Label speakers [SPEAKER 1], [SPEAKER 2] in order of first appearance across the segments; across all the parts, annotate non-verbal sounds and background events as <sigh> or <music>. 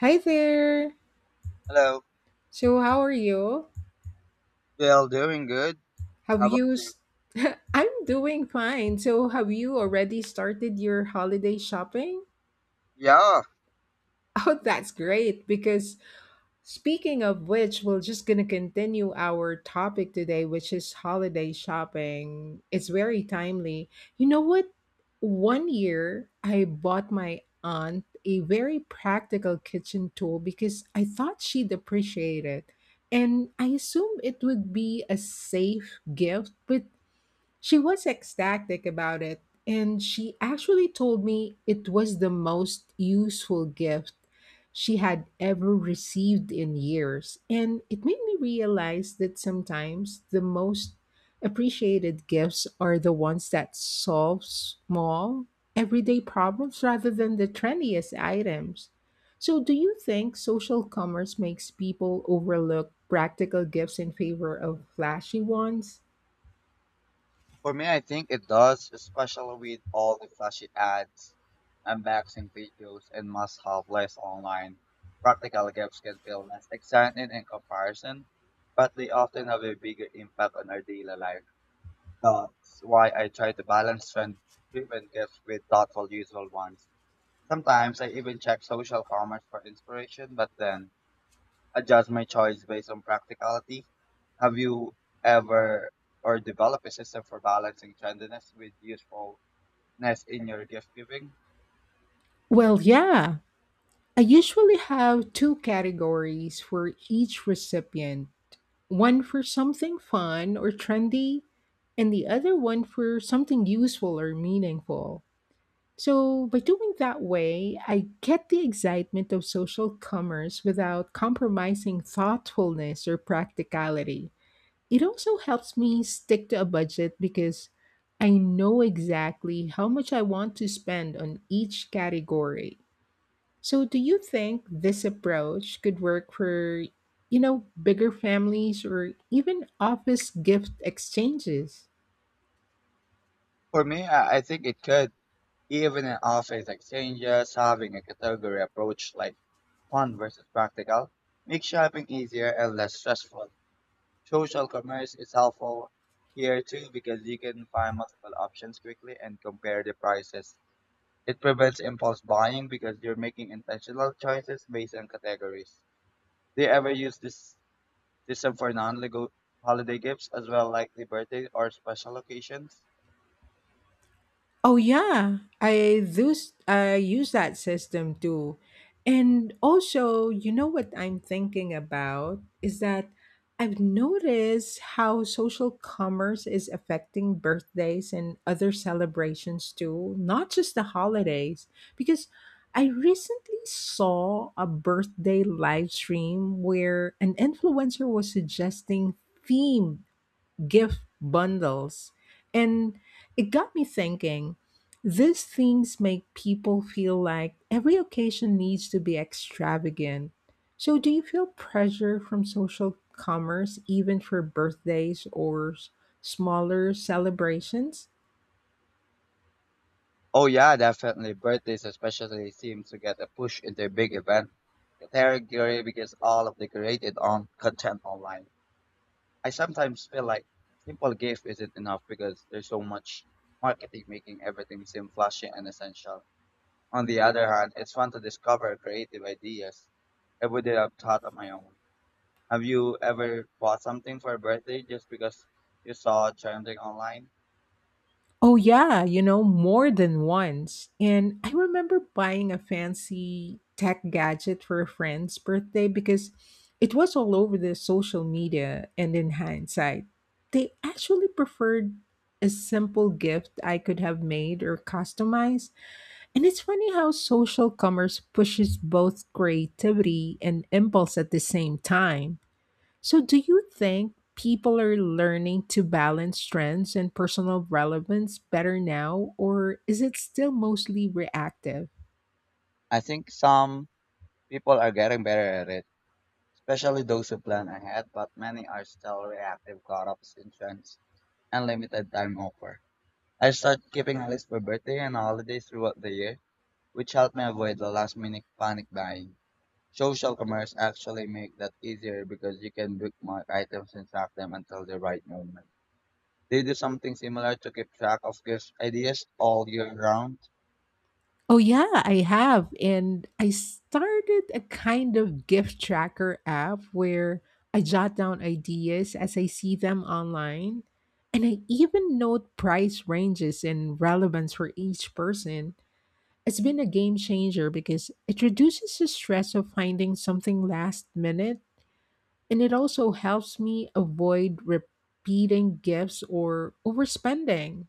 [SPEAKER 1] Hi there.
[SPEAKER 2] Hello.
[SPEAKER 1] So, how are you?
[SPEAKER 2] Well, doing good.
[SPEAKER 1] Have
[SPEAKER 2] How about
[SPEAKER 1] you?
[SPEAKER 2] you?
[SPEAKER 1] s- <laughs> I'm doing fine. So, have you already started your holiday shopping? <laughs>
[SPEAKER 2] Yeah,
[SPEAKER 1] Oh, that's great because Speaking of which, we're just going to continue our topic today, which is holiday shopping. It's very timely. You know what? One year I bought my aunt a very practical kitchen tool because I thought she'd appreciate it. And I assumed it would be a safe gift, but she was ecstatic about it, and she actually told me it was the most useful gift she had ever received in years. And it made me realize that sometimes the most appreciated gifts are the ones that solve small, everyday problems rather than the trendiest items. So, do you think social commerce makes people overlook practical gifts in favor of flashy ones?
[SPEAKER 2] for me, I think it does, especially with all the flashy ads, unboxing videos, and must-have lists online. Practical games can feel less exciting in comparison, but they often have a bigger impact on our daily life. That's why I try to balance trend-driven gifts with thoughtful, useful ones. Sometimes I even check social commerce for inspiration, but then adjust my choice based on practicality. Have you ever or developed a system for balancing trendiness with usefulness in your gift giving?
[SPEAKER 1] Well, yeah, I usually have two categories for each recipient, one for something fun or trendy, and the other one for something useful or meaningful. So, by doing that way, I get the excitement of social commerce without compromising thoughtfulness or practicality. It also helps me stick to a budget because I know exactly how much I want to spend on each category. So, do you think this approach could work for, you know, bigger families or even office gift exchanges?
[SPEAKER 2] For me, I think it could. Even in office exchanges, having a category approach like fun versus practical makes shopping easier and less stressful. Social commerce is helpful here too because you can find multiple options quickly and compare the prices. It prevents impulse buying because you're making intentional choices based on categories. Do you ever use this system for non-legal holiday gifts as well, like the birthday or special occasions?
[SPEAKER 1] Oh yeah, I do. I use that system too, and also, you know what I'm thinking about is that I've noticed how social commerce is affecting birthdays and other celebrations too, not just the holidays. Because I recently saw a birthday live stream where an influencer was suggesting themed gift bundles. And it got me thinking, these things make people feel like every occasion needs to be extravagant. So, do you feel pressure from social commerce even for birthdays or smaller celebrations?
[SPEAKER 2] Oh yeah, definitely. Birthdays especially seem to get a push into a big event category because all of the created on content online. I sometimes feel like simple gift isn't enough because there's so much marketing making everything seem flashy and essential. On the other hand, it's fun to discover creative ideas I wouldn't have thought on my own. Have you ever bought something for a birthday just because you saw trending online?
[SPEAKER 1] Oh, yeah, you know, more than once. And I remember buying a fancy tech gadget for a friend's birthday because it was all over the social media. And in hindsight, they actually preferred a simple gift I could have made or customized. And it's funny how social commerce pushes both creativity and impulse at the same time. So, do you think people are learning to balance trends and personal relevance better now, or is it still mostly reactive?
[SPEAKER 2] I think some people are getting better at it, especially those who plan ahead, but many are still reactive, caught up in trends and limited time offer. I start keeping a list for birthday and holidays throughout the year, which helped me avoid the last minute panic buying. Social commerce actually make that easier because you can bookmark items and track them until the right moment. They do something similar to keep track of gift ideas all year round.
[SPEAKER 1] Oh yeah, I have. And I started a kind of gift tracker app where I jot down ideas as I see them online. And I even note price ranges and relevance for each person. It's been a game changer because it reduces the stress of finding something last minute, and it also helps me avoid repeating gifts or overspending.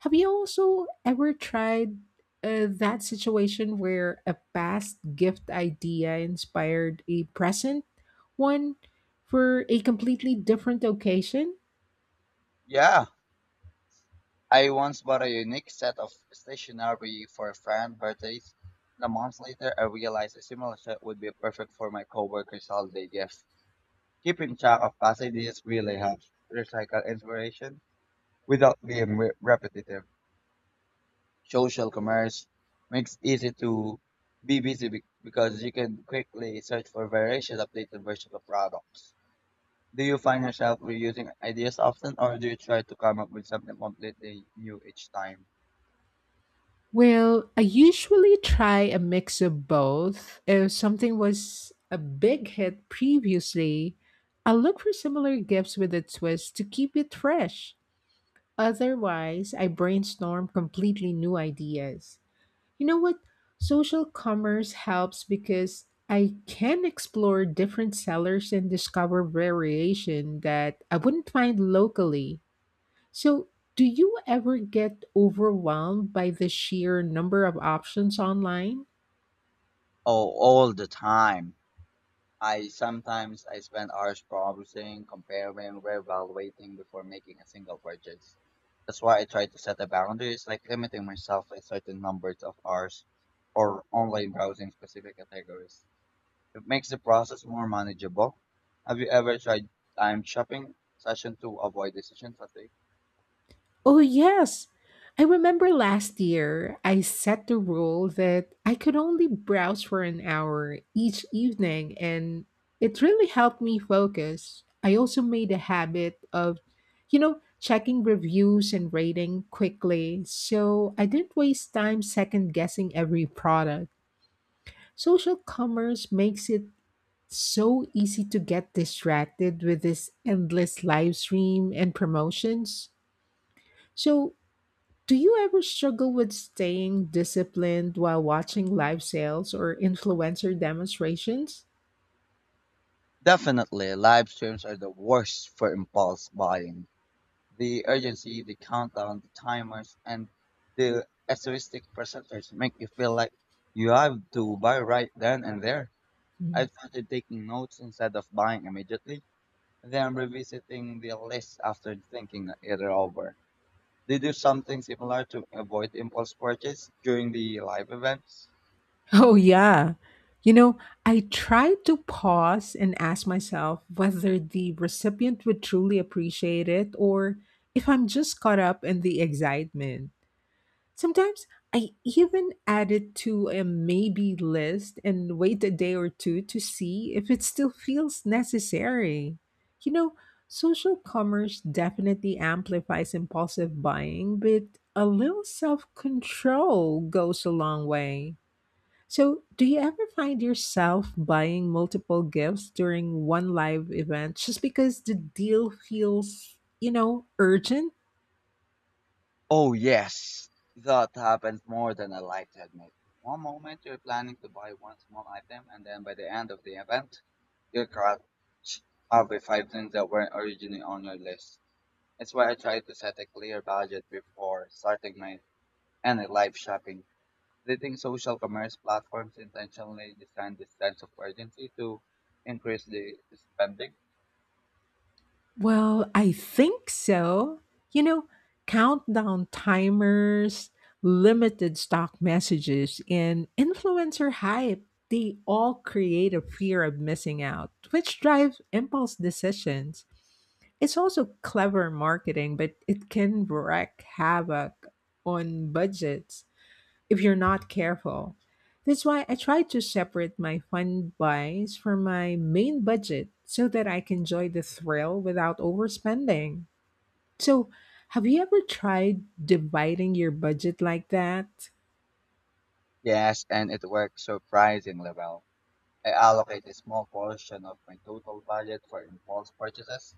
[SPEAKER 1] Have you also ever tried, that situation where a past gift idea inspired a present one for a completely different occasion?
[SPEAKER 2] Yeah, I once bought a unique set of stationery for a friend's birthdays. And a month later, I realized a similar set would be perfect for my coworker's holiday gift. Keeping track of past ideas really helps recycle inspiration without being repetitive. Social commerce makes easy to be busy because you can quickly search for variation updated versions of products. Do you find yourself reusing ideas often, or do you try to come up with something completely new each time?
[SPEAKER 1] Well, I usually try a mix of both. If something was a big hit previously, I look for similar gifts with a twist to keep it fresh. Otherwise, I brainstorm completely new ideas. You know what? Social commerce helps because I can explore different sellers and discover variation that I wouldn't find locally. So, do you ever get overwhelmed by the sheer number of options online?
[SPEAKER 2] Oh, all the time. I sometimes I spend hours browsing, comparing, reevaluating before making a single purchase. That's why I try to set a boundaries, like limiting myself to a certain numbers of hours or online browsing specific categories. It makes the process more manageable. Have you ever tried time shopping session to avoid decision fatigue?
[SPEAKER 1] Oh, yes. I remember last year I set the rule that I could only browse for an hour each evening, and it really helped me focus. I also made a habit of, you know, checking reviews and rating quickly, so I didn't waste time second guessing every product. Social commerce makes it so easy to get distracted with this endless live stream and promotions. So, do you ever struggle with staying disciplined while watching live sales or influencer demonstrations?
[SPEAKER 2] Definitely, live streams are the worst for impulse buying. The urgency, the countdown, the timers, and the essayistic presenters make you feel like you have to buy right then and there. I
[SPEAKER 1] Mm.
[SPEAKER 2] started taking notes instead of buying immediately, then revisiting the list after thinking it over. They do something similar to avoid impulse purchase during the live events.
[SPEAKER 1] Oh, yeah. You know, I try to pause and ask myself whether the recipient would truly appreciate it or if I'm just caught up in the excitement. Sometimes I even add it to a maybe list and wait a day or two to see if it still feels necessary. You know, social commerce definitely amplifies impulsive buying, but a little self control goes a long way. So, do you ever find yourself buying multiple gifts during one live event just because the deal feels, you know, urgent?
[SPEAKER 2] Oh, yes. That happens more than I like to admit. One moment you're planning to buy one small item, and then by the end of the event, you're caught up with five things that weren't originally on your list. That's why I try to set a clear budget before starting my any live shopping. Do you think social commerce platforms intentionally design this sense of urgency to increase the spending?
[SPEAKER 1] Well, I think so. You know, countdown timers, limited stock messages, and influencer hype, they all create a fear of missing out, which drives impulse decisions. It's also clever marketing, but it can wreak havoc on budgets if you're not careful. That's why I try to separate my fun buys from my main budget so that I can enjoy the thrill without overspending. So, have you ever tried dividing your budget like that?
[SPEAKER 2] Yes, and it works surprisingly well. I allocate a small portion of my total budget for impulse purchases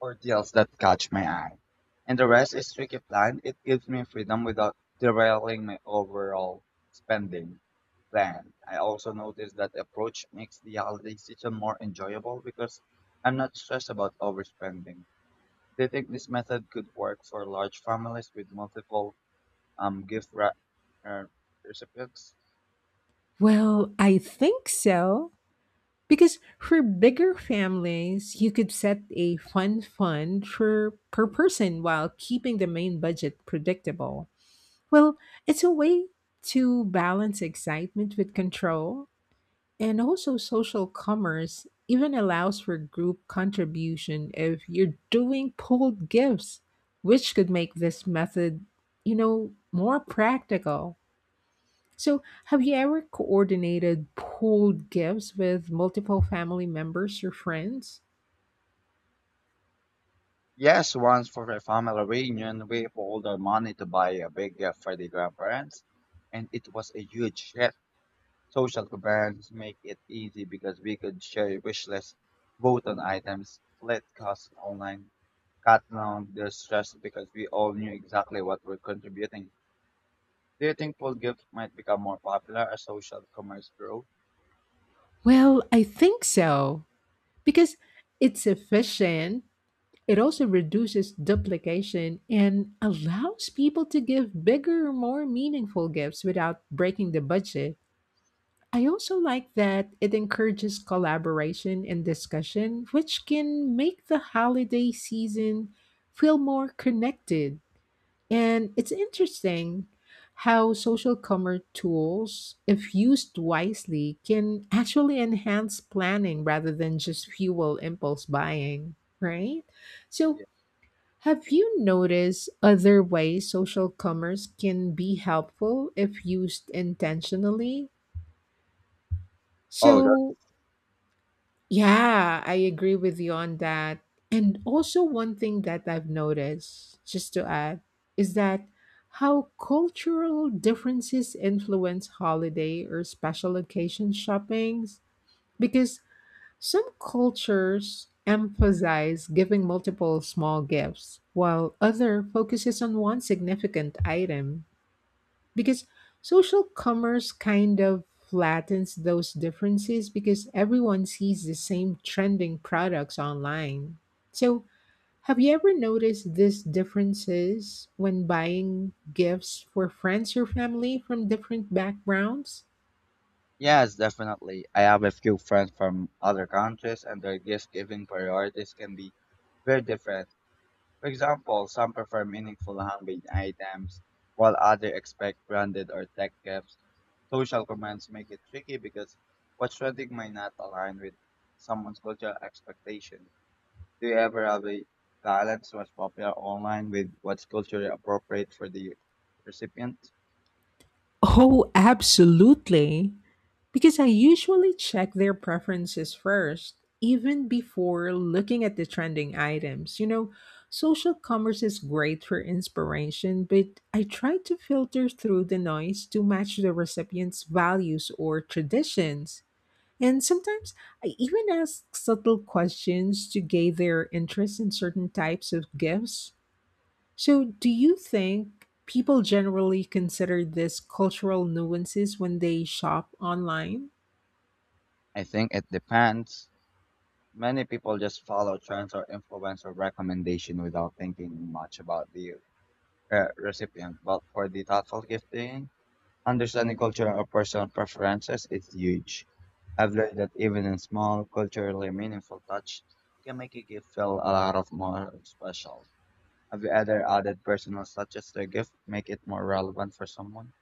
[SPEAKER 2] or deals that catch my eye. And the rest is strictly planned. It gives me freedom without derailing my overall spending plan. I also noticed that the approach makes the holiday season more enjoyable because I'm not stressed about overspending. Do you think this method could work for large families with multiple gift uh, recipients?
[SPEAKER 1] Well, I think so. Because for bigger families, you could set a fun fund for per person while keeping the main budget predictable. Well, it's a way to balance excitement with control. And also, social commerce even allows for group contribution if you're doing pooled gifts, which could make this method, you know, more practical. So, have you ever coordinated pooled gifts with multiple family members or friends?
[SPEAKER 2] Yes, once for a family reunion, we pulled our money to buy a big gift for the grandparents, and it was a huge hit. Social events make it easy because we could share wish lists, vote on items, split costs online, cut down the stress because we all knew exactly what we're contributing. Do you think pool gifts might become more popular as social commerce grows?
[SPEAKER 1] Well, I think so, because it's efficient. It also reduces duplication and allows people to give bigger, more meaningful gifts without breaking the budget. I also like that it encourages collaboration and discussion, which can make the holiday season feel more connected. And it's interesting how social commerce tools, if used wisely, can actually enhance planning rather than just fuel impulse buying, right? So,
[SPEAKER 2] Yeah.
[SPEAKER 1] have you noticed other ways social commerce can be helpful if used intentionally?
[SPEAKER 2] Oh,
[SPEAKER 1] So, Yeah, I agree with you on that. And also, one thing that I've noticed, just to add, is that how cultural differences influence holiday or special occasion shoppings. Because some cultures emphasize giving multiple small gifts, while other focuses on one significant item because social commerce kind of flattens those differences because everyone sees the same trending products online. So, have you ever noticed these differences when buying gifts for friends or family from different backgrounds?
[SPEAKER 2] yes, definitely. I have a few friends from other countries, and their gift giving priorities can be very different. For example, some prefer meaningful handmade items, while others expect branded or tech gifts. Social comments make it tricky because what's trending might not align with someone's cultural expectation. Do you ever have a balance what's popular online with what's culturally appropriate for the recipient?
[SPEAKER 1] Oh, absolutely. Because I usually check their preferences first, even before looking at the trending items. You know, social commerce is great for inspiration, but I try to filter through the noise to match the recipient's values or traditions. And sometimes I even ask subtle questions to gauge their interest in certain types of gifts. So, do you think people generally consider this cultural nuances when they shop online?
[SPEAKER 2] I think it depends. Many people just follow trends or influence or recommendation without thinking much about the recipient. But for the thoughtful gifting, understanding culture or personal preferences is huge. I've learned that even in small, culturally meaningful touch can make a gift feel a lot of more special. Have you ever added personal touches to a gift, make it more relevant for someone?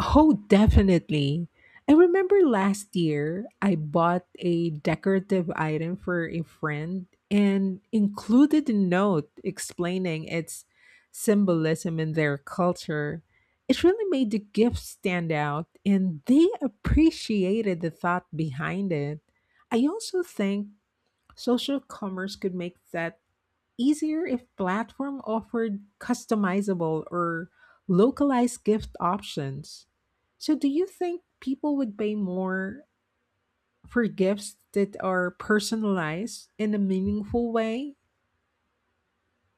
[SPEAKER 1] Oh, definitely. I remember last year I bought a decorative item for a friend and included a note explaining its symbolism in their culture. It really made the gift stand out and they appreciated the thought behind it. I also think social commerce could make that easier if platform offered customizable or localized gift options. So do you think people would pay more for gifts that are personalized in a meaningful way?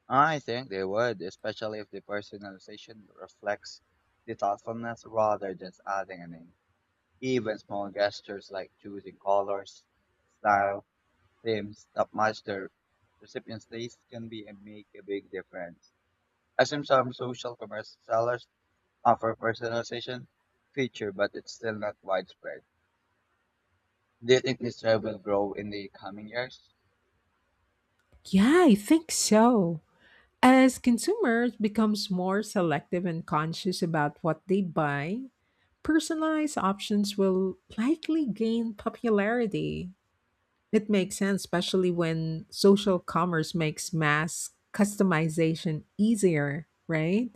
[SPEAKER 2] I think they would, especially if the personalization reflects the thoughtfulness rather than adding a name. Even small gestures like choosing colors, style, themes that match their recipient's taste can be and make a big difference. As in some social commerce sellers offer personalization feature, but it's still not widespread. Do you think this trend will grow in the coming years?
[SPEAKER 1] Yeah, I think so. As consumers becomes more selective and conscious about what they buy, personalized options will likely gain popularity. It makes sense, especially when social commerce makes mass customization easier, right?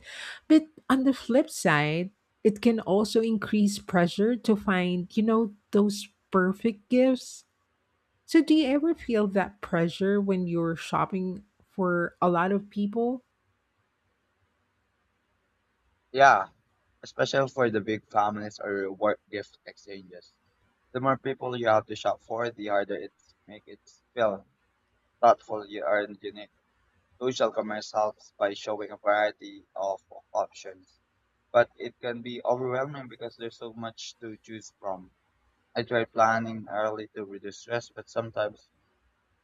[SPEAKER 1] But on the flip side, it can also increase pressure to find, you know, those perfect gifts. So, do you ever feel that pressure when you're shopping for a lot of people?
[SPEAKER 2] Yeah, especially for the big families or work gift exchanges. The more people you have to shop for, the harder it's make it feel thoughtful you are and unique. Social commerce helps by showing a variety of options, but it can be overwhelming because there's so much to choose from. I try planning early to reduce stress, but sometimes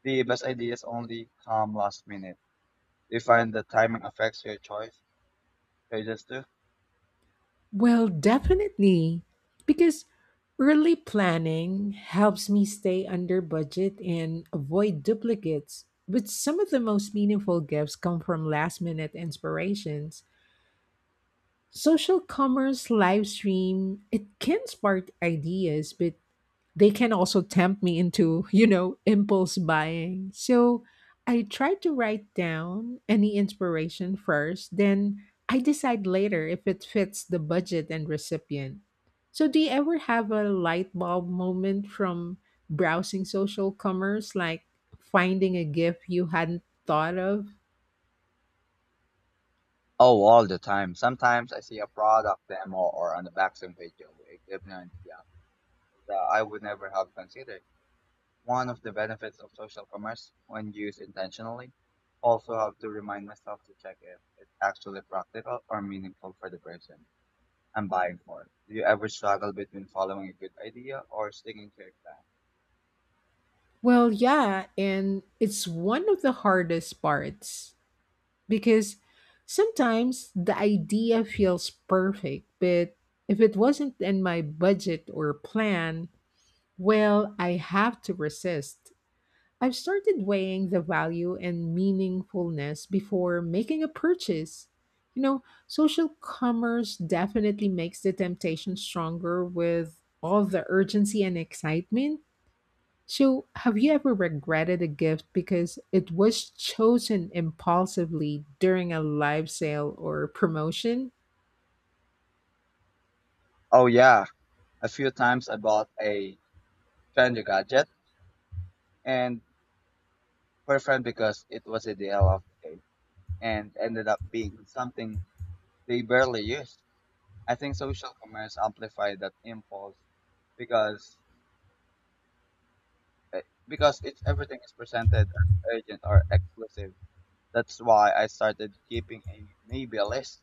[SPEAKER 2] the best ideas only come last minute. Do you find that timing affects your choices too?
[SPEAKER 1] Well, definitely. Because early planning helps me stay under budget and avoid duplicates. But some of the most meaningful gifts come from last minute inspirations. Social commerce live stream, it can spark ideas, but they can also tempt me into, you know, impulse buying. So I try to write down any inspiration first, then I decide later if it fits the budget and recipient. So, do you ever have a light bulb moment from browsing social commerce, like finding a gift you hadn't thought of?
[SPEAKER 2] Oh, all the time. Sometimes I see a product demo or on the back some page of equipment yeah, that I would never have considered. One of the benefits of social commerce, when used intentionally, also have to remind myself to check if it's actually practical or meaningful for the person I'm buying for. Do you ever struggle between following a good idea or sticking to a plan?
[SPEAKER 1] Well, yeah, and it's one of the hardest parts. Because sometimes the idea feels perfect, but if it wasn't in my budget or plan, well, I have to resist. I've started weighing the value and meaningfulness before making a purchase. You know, social commerce definitely makes the temptation stronger with all the urgency and excitement. So, have you ever regretted a gift because it was chosen impulsively during a live sale or promotion?
[SPEAKER 2] Oh yeah, a few times I bought a trendy gadget and for a friend because it was a deal of the day and ended up being something they barely used. I think social commerce amplified that impulse because eh, because it's everything is presented as urgent or exclusive. That's why I started keeping a maybe a list.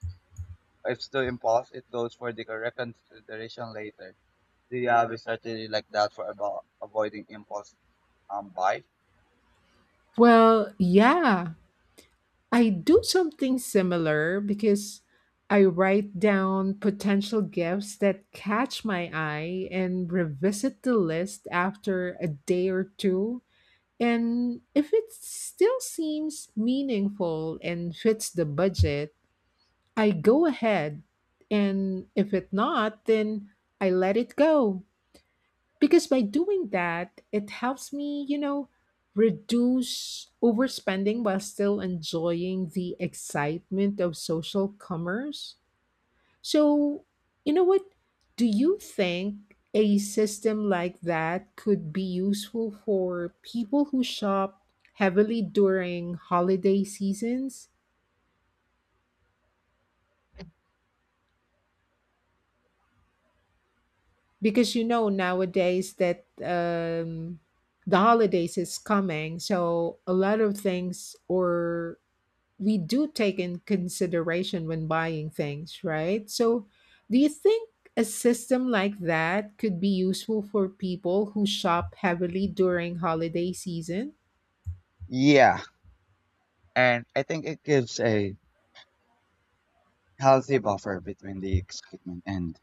[SPEAKER 2] If still impulse, it goes for the correct consideration later. Do you have a strategy like that for about avoiding impulse buy?
[SPEAKER 1] Well, yeah, I do something similar because I write down potential gifts that catch my eye and revisit the list after a day or two. And if it still seems meaningful and fits the budget, I go ahead, and if it not, then I let it go. Because by doing that, it helps me, you know, reduce overspending while still enjoying the excitement of social commerce. So, you know what? Do you think a system like that could be useful for people who shop heavily during holiday seasons? Because you know nowadays that the holidays is coming, so a lot of things or we do take in consideration when buying things, right? So do you think a system like that could be useful for people who shop heavily during holiday season?
[SPEAKER 2] Yeah, and I think it gives a healthy buffer between the excitement and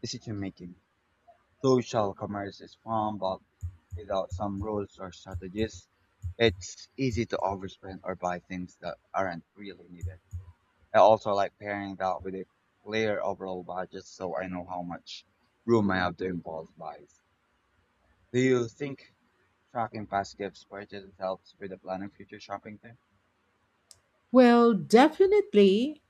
[SPEAKER 2] decision making. Social commerce is fun, but without some rules or strategies, it's easy to overspend or buy things that aren't really needed. I also like pairing that with a clear overall budget so I know how much room I have to impulse buys. Do you think tracking past gifts purchases helps with the planning future shopping thing?
[SPEAKER 1] Well, definitely.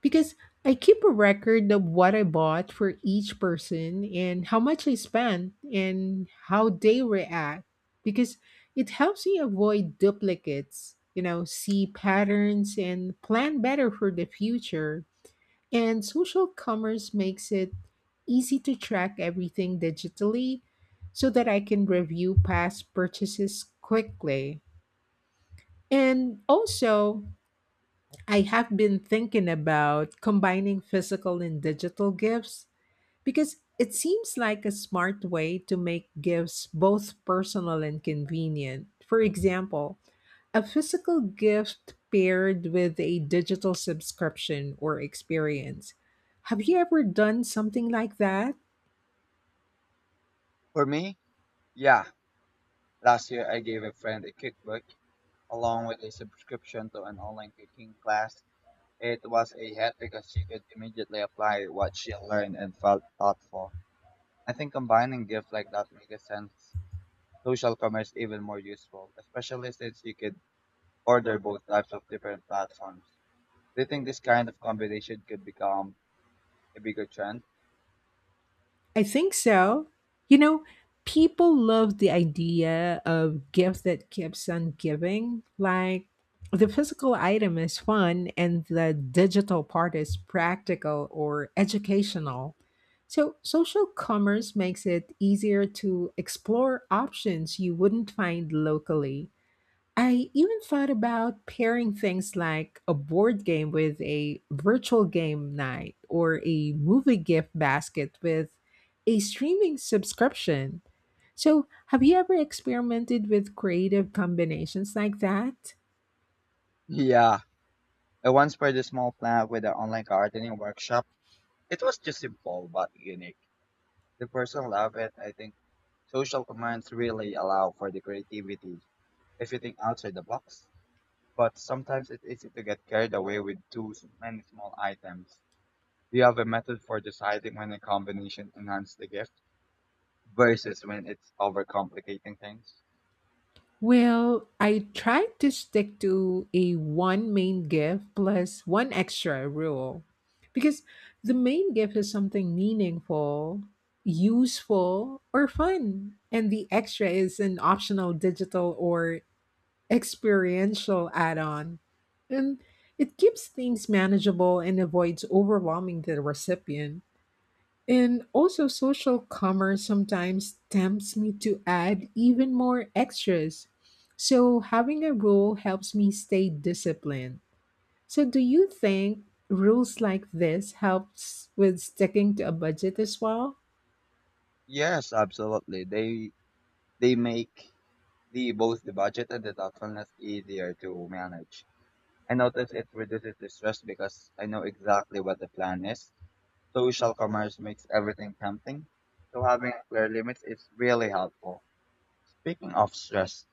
[SPEAKER 1] Because I keep a record of what I bought for each person and how much I spent and how they react. Because it helps me avoid duplicates, you know, see patterns and plan better for the future. And social commerce makes it easy to track everything digitally so that I can review past purchases quickly. And also, I have been thinking about combining physical and digital gifts because it seems like a smart way to make gifts both personal and convenient. For example, a physical gift paired with a digital subscription or experience. Have you ever done something like that?
[SPEAKER 2] For me, yeah. Last year I gave a friend a cookbook along with a subscription to an online cooking class. It was a hit because she could immediately apply what she learned and felt thoughtful. I think combining gifts like that makes a sense social commerce even more useful, especially since you could order both types of different platforms. Do you think this kind of combination could become a bigger trend?
[SPEAKER 1] I think so. You know, people love the idea of gift that keeps on giving. Like the physical item is fun and the digital part is practical or educational. So social commerce makes it easier to explore options you wouldn't find locally. I even thought about pairing things like a board game with a virtual game night or a movie gift basket with a streaming subscription. So, have you ever experimented with creative combinations like that?
[SPEAKER 2] Yeah. I once paired a small plant with an online gardening workshop. It was just simple but unique. The person loved it. I think social commands really allow for the creativity if you think outside the box. But sometimes it's easy to get carried away with too many small items. Do you have a method for deciding when a combination enhances the gift versus when it's overcomplicating things?
[SPEAKER 1] Well, I try to stick to a one main gift plus one extra rule because the main gift is something meaningful, useful, or fun, and the extra is an optional digital or experiential add on. And it keeps things manageable and avoids overwhelming the recipient. And also, social commerce sometimes tempts me to add even more extras. So, having a rule helps me stay disciplined. So, do you think rules like this helps with sticking to a budget as well?
[SPEAKER 2] Yes, absolutely. They make the both the budget and the thoughtfulness easier to manage. I notice it reduces the stress because I know exactly what the plan is. Social commerce makes everything tempting, so having clear limits is really helpful. Speaking of stress,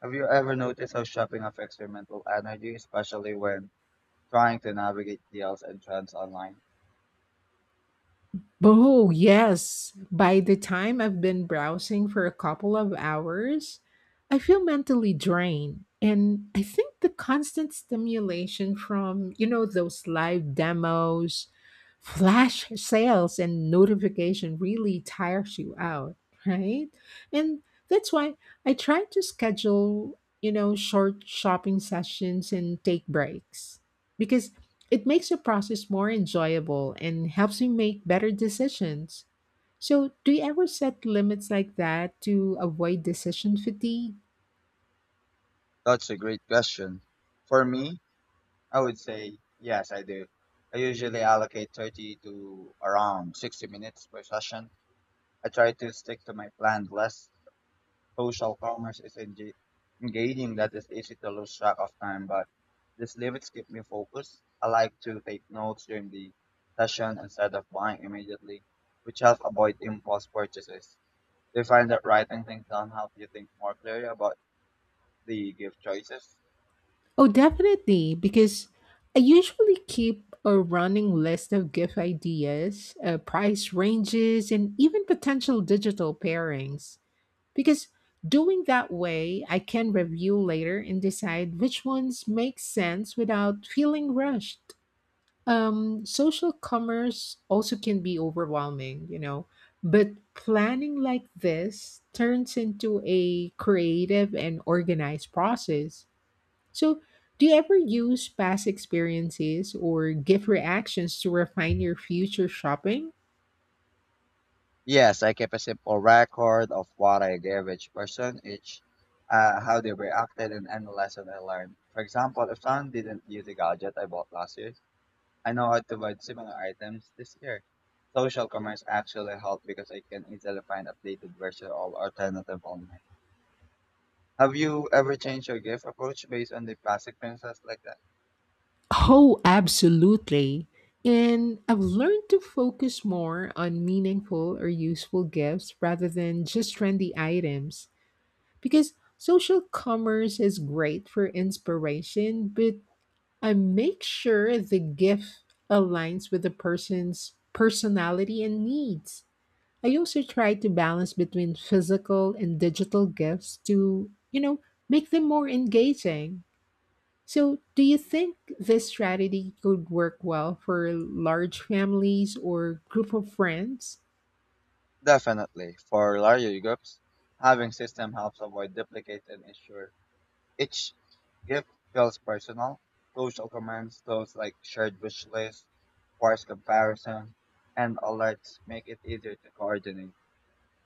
[SPEAKER 2] have you ever noticed how shopping affects your mental energy, especially when trying to navigate deals and trends online?
[SPEAKER 1] Oh, yes. By the time I've been browsing for a couple of hours, I feel mentally drained. And I think the constant stimulation from, you know, those live demos, flash sales, and notification really tires you out, right? And that's why I try to schedule, you know, short shopping sessions and take breaks. Because it makes the process more enjoyable and helps you make better decisions. So, do you ever set limits like that to avoid decision fatigue?
[SPEAKER 2] That's a great question. For me, I would say yes, I do. I usually allocate 30 to around 60 minutes per session. I try to stick to my planned list. Social commerce is engaging that is easy to lose track of time, but these limits keep me focused. I like to take notes during the session instead of buying immediately, which helps avoid impulse purchases. Do you find that writing things down help you think more clearly about the gift choices?
[SPEAKER 1] Oh, definitely, because I usually keep a running list of gift ideas, price ranges, and even potential digital pairings. Because doing that way, I can review later and decide which ones make sense without feeling rushed. Social commerce also can be overwhelming, you know, but planning like this turns into a creative and organized process. So, do you ever use past experiences or gift reactions to refine your future shopping?
[SPEAKER 2] Yes, I kept a simple record of what I gave each person, each how they reacted, and any lesson I learned. For example, if someone didn't use a gadget I bought last year, I know how to buy similar items this year. Social commerce actually helped because I can easily find updated versions or alternative online. Have you ever changed your gift approach based on the past experiences like that?
[SPEAKER 1] Oh, absolutely. And I've learned to focus more on meaningful or useful gifts rather than just trendy items. Because social commerce is great for inspiration, but I make sure the gift aligns with the person's personality and needs. I also try to balance between physical and digital gifts to, you know, make them more engaging. So, do you think this strategy could work well for large families or group of friends?
[SPEAKER 2] Definitely. For larger groups, having system helps avoid duplicates and ensure each gift feels personal. Social comments, tools like shared wish lists, price comparison, and alerts make it easier to coordinate.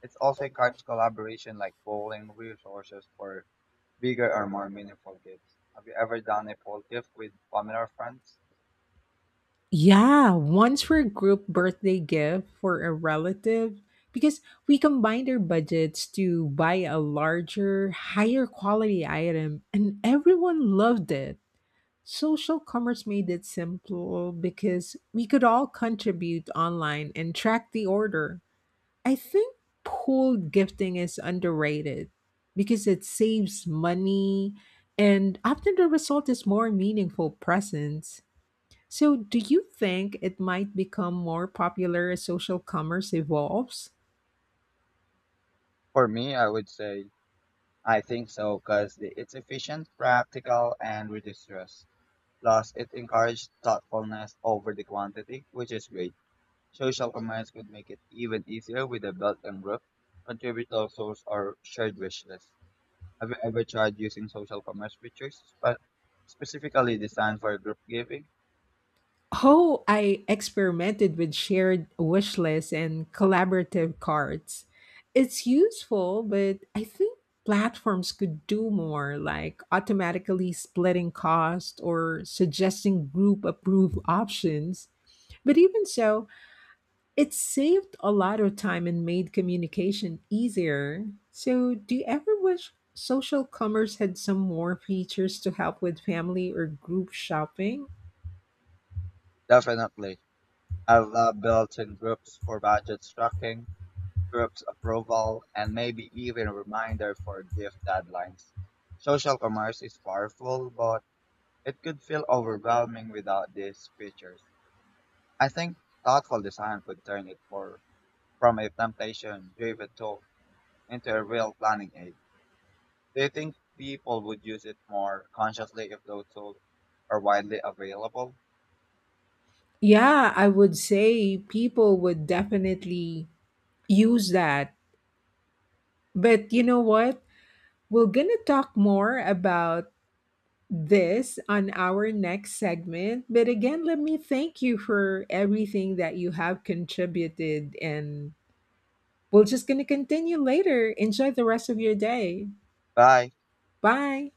[SPEAKER 2] It also encourages collaboration like polling resources for bigger or more meaningful gifts. Have you ever done a poll gift with family or friends?
[SPEAKER 1] Yeah, once for a group birthday gift for a relative, because we combined our budgets to buy a larger, higher quality item, and everyone loved it. Social commerce made it simple because we could all contribute online and track the order. I think pool gifting is underrated because it saves money, and often the result is more meaningful presents. So, do you think it might become more popular as social commerce evolves?
[SPEAKER 2] For me, I would say I think so because it's efficient, practical, and reduces stress. Plus, it encourages thoughtfulness over the quantity, which is great. Social commands could make it even easier with a belt and group. Contributor source or shared wish list. Have you ever tried using social commerce features specifically designed for group giving?
[SPEAKER 1] Oh, I experimented with shared wish lists and collaborative cards. It's useful, but I think platforms could do more, like automatically splitting cost or suggesting group approved options. But even so, it saved a lot of time and made communication easier. So, do you ever wish social commerce had some more features to help with family or group shopping?
[SPEAKER 2] Definitely. I love built-in groups for budget tracking, groups approval, and maybe even a reminder for gift deadlines. Social commerce is powerful, but it could feel overwhelming without these features. I think thoughtful design could turn it more from a temptation driven tool into a real planning aid. Do you think people would use it more consciously if those tools are widely available?
[SPEAKER 1] Yeah, I would say people would definitely use that. But you know what? We're going to talk more about this on our next segment. But again, let me thank you for everything that you have contributed and we're just going to continue later. Enjoy the rest of your day.
[SPEAKER 2] Bye.
[SPEAKER 1] Bye.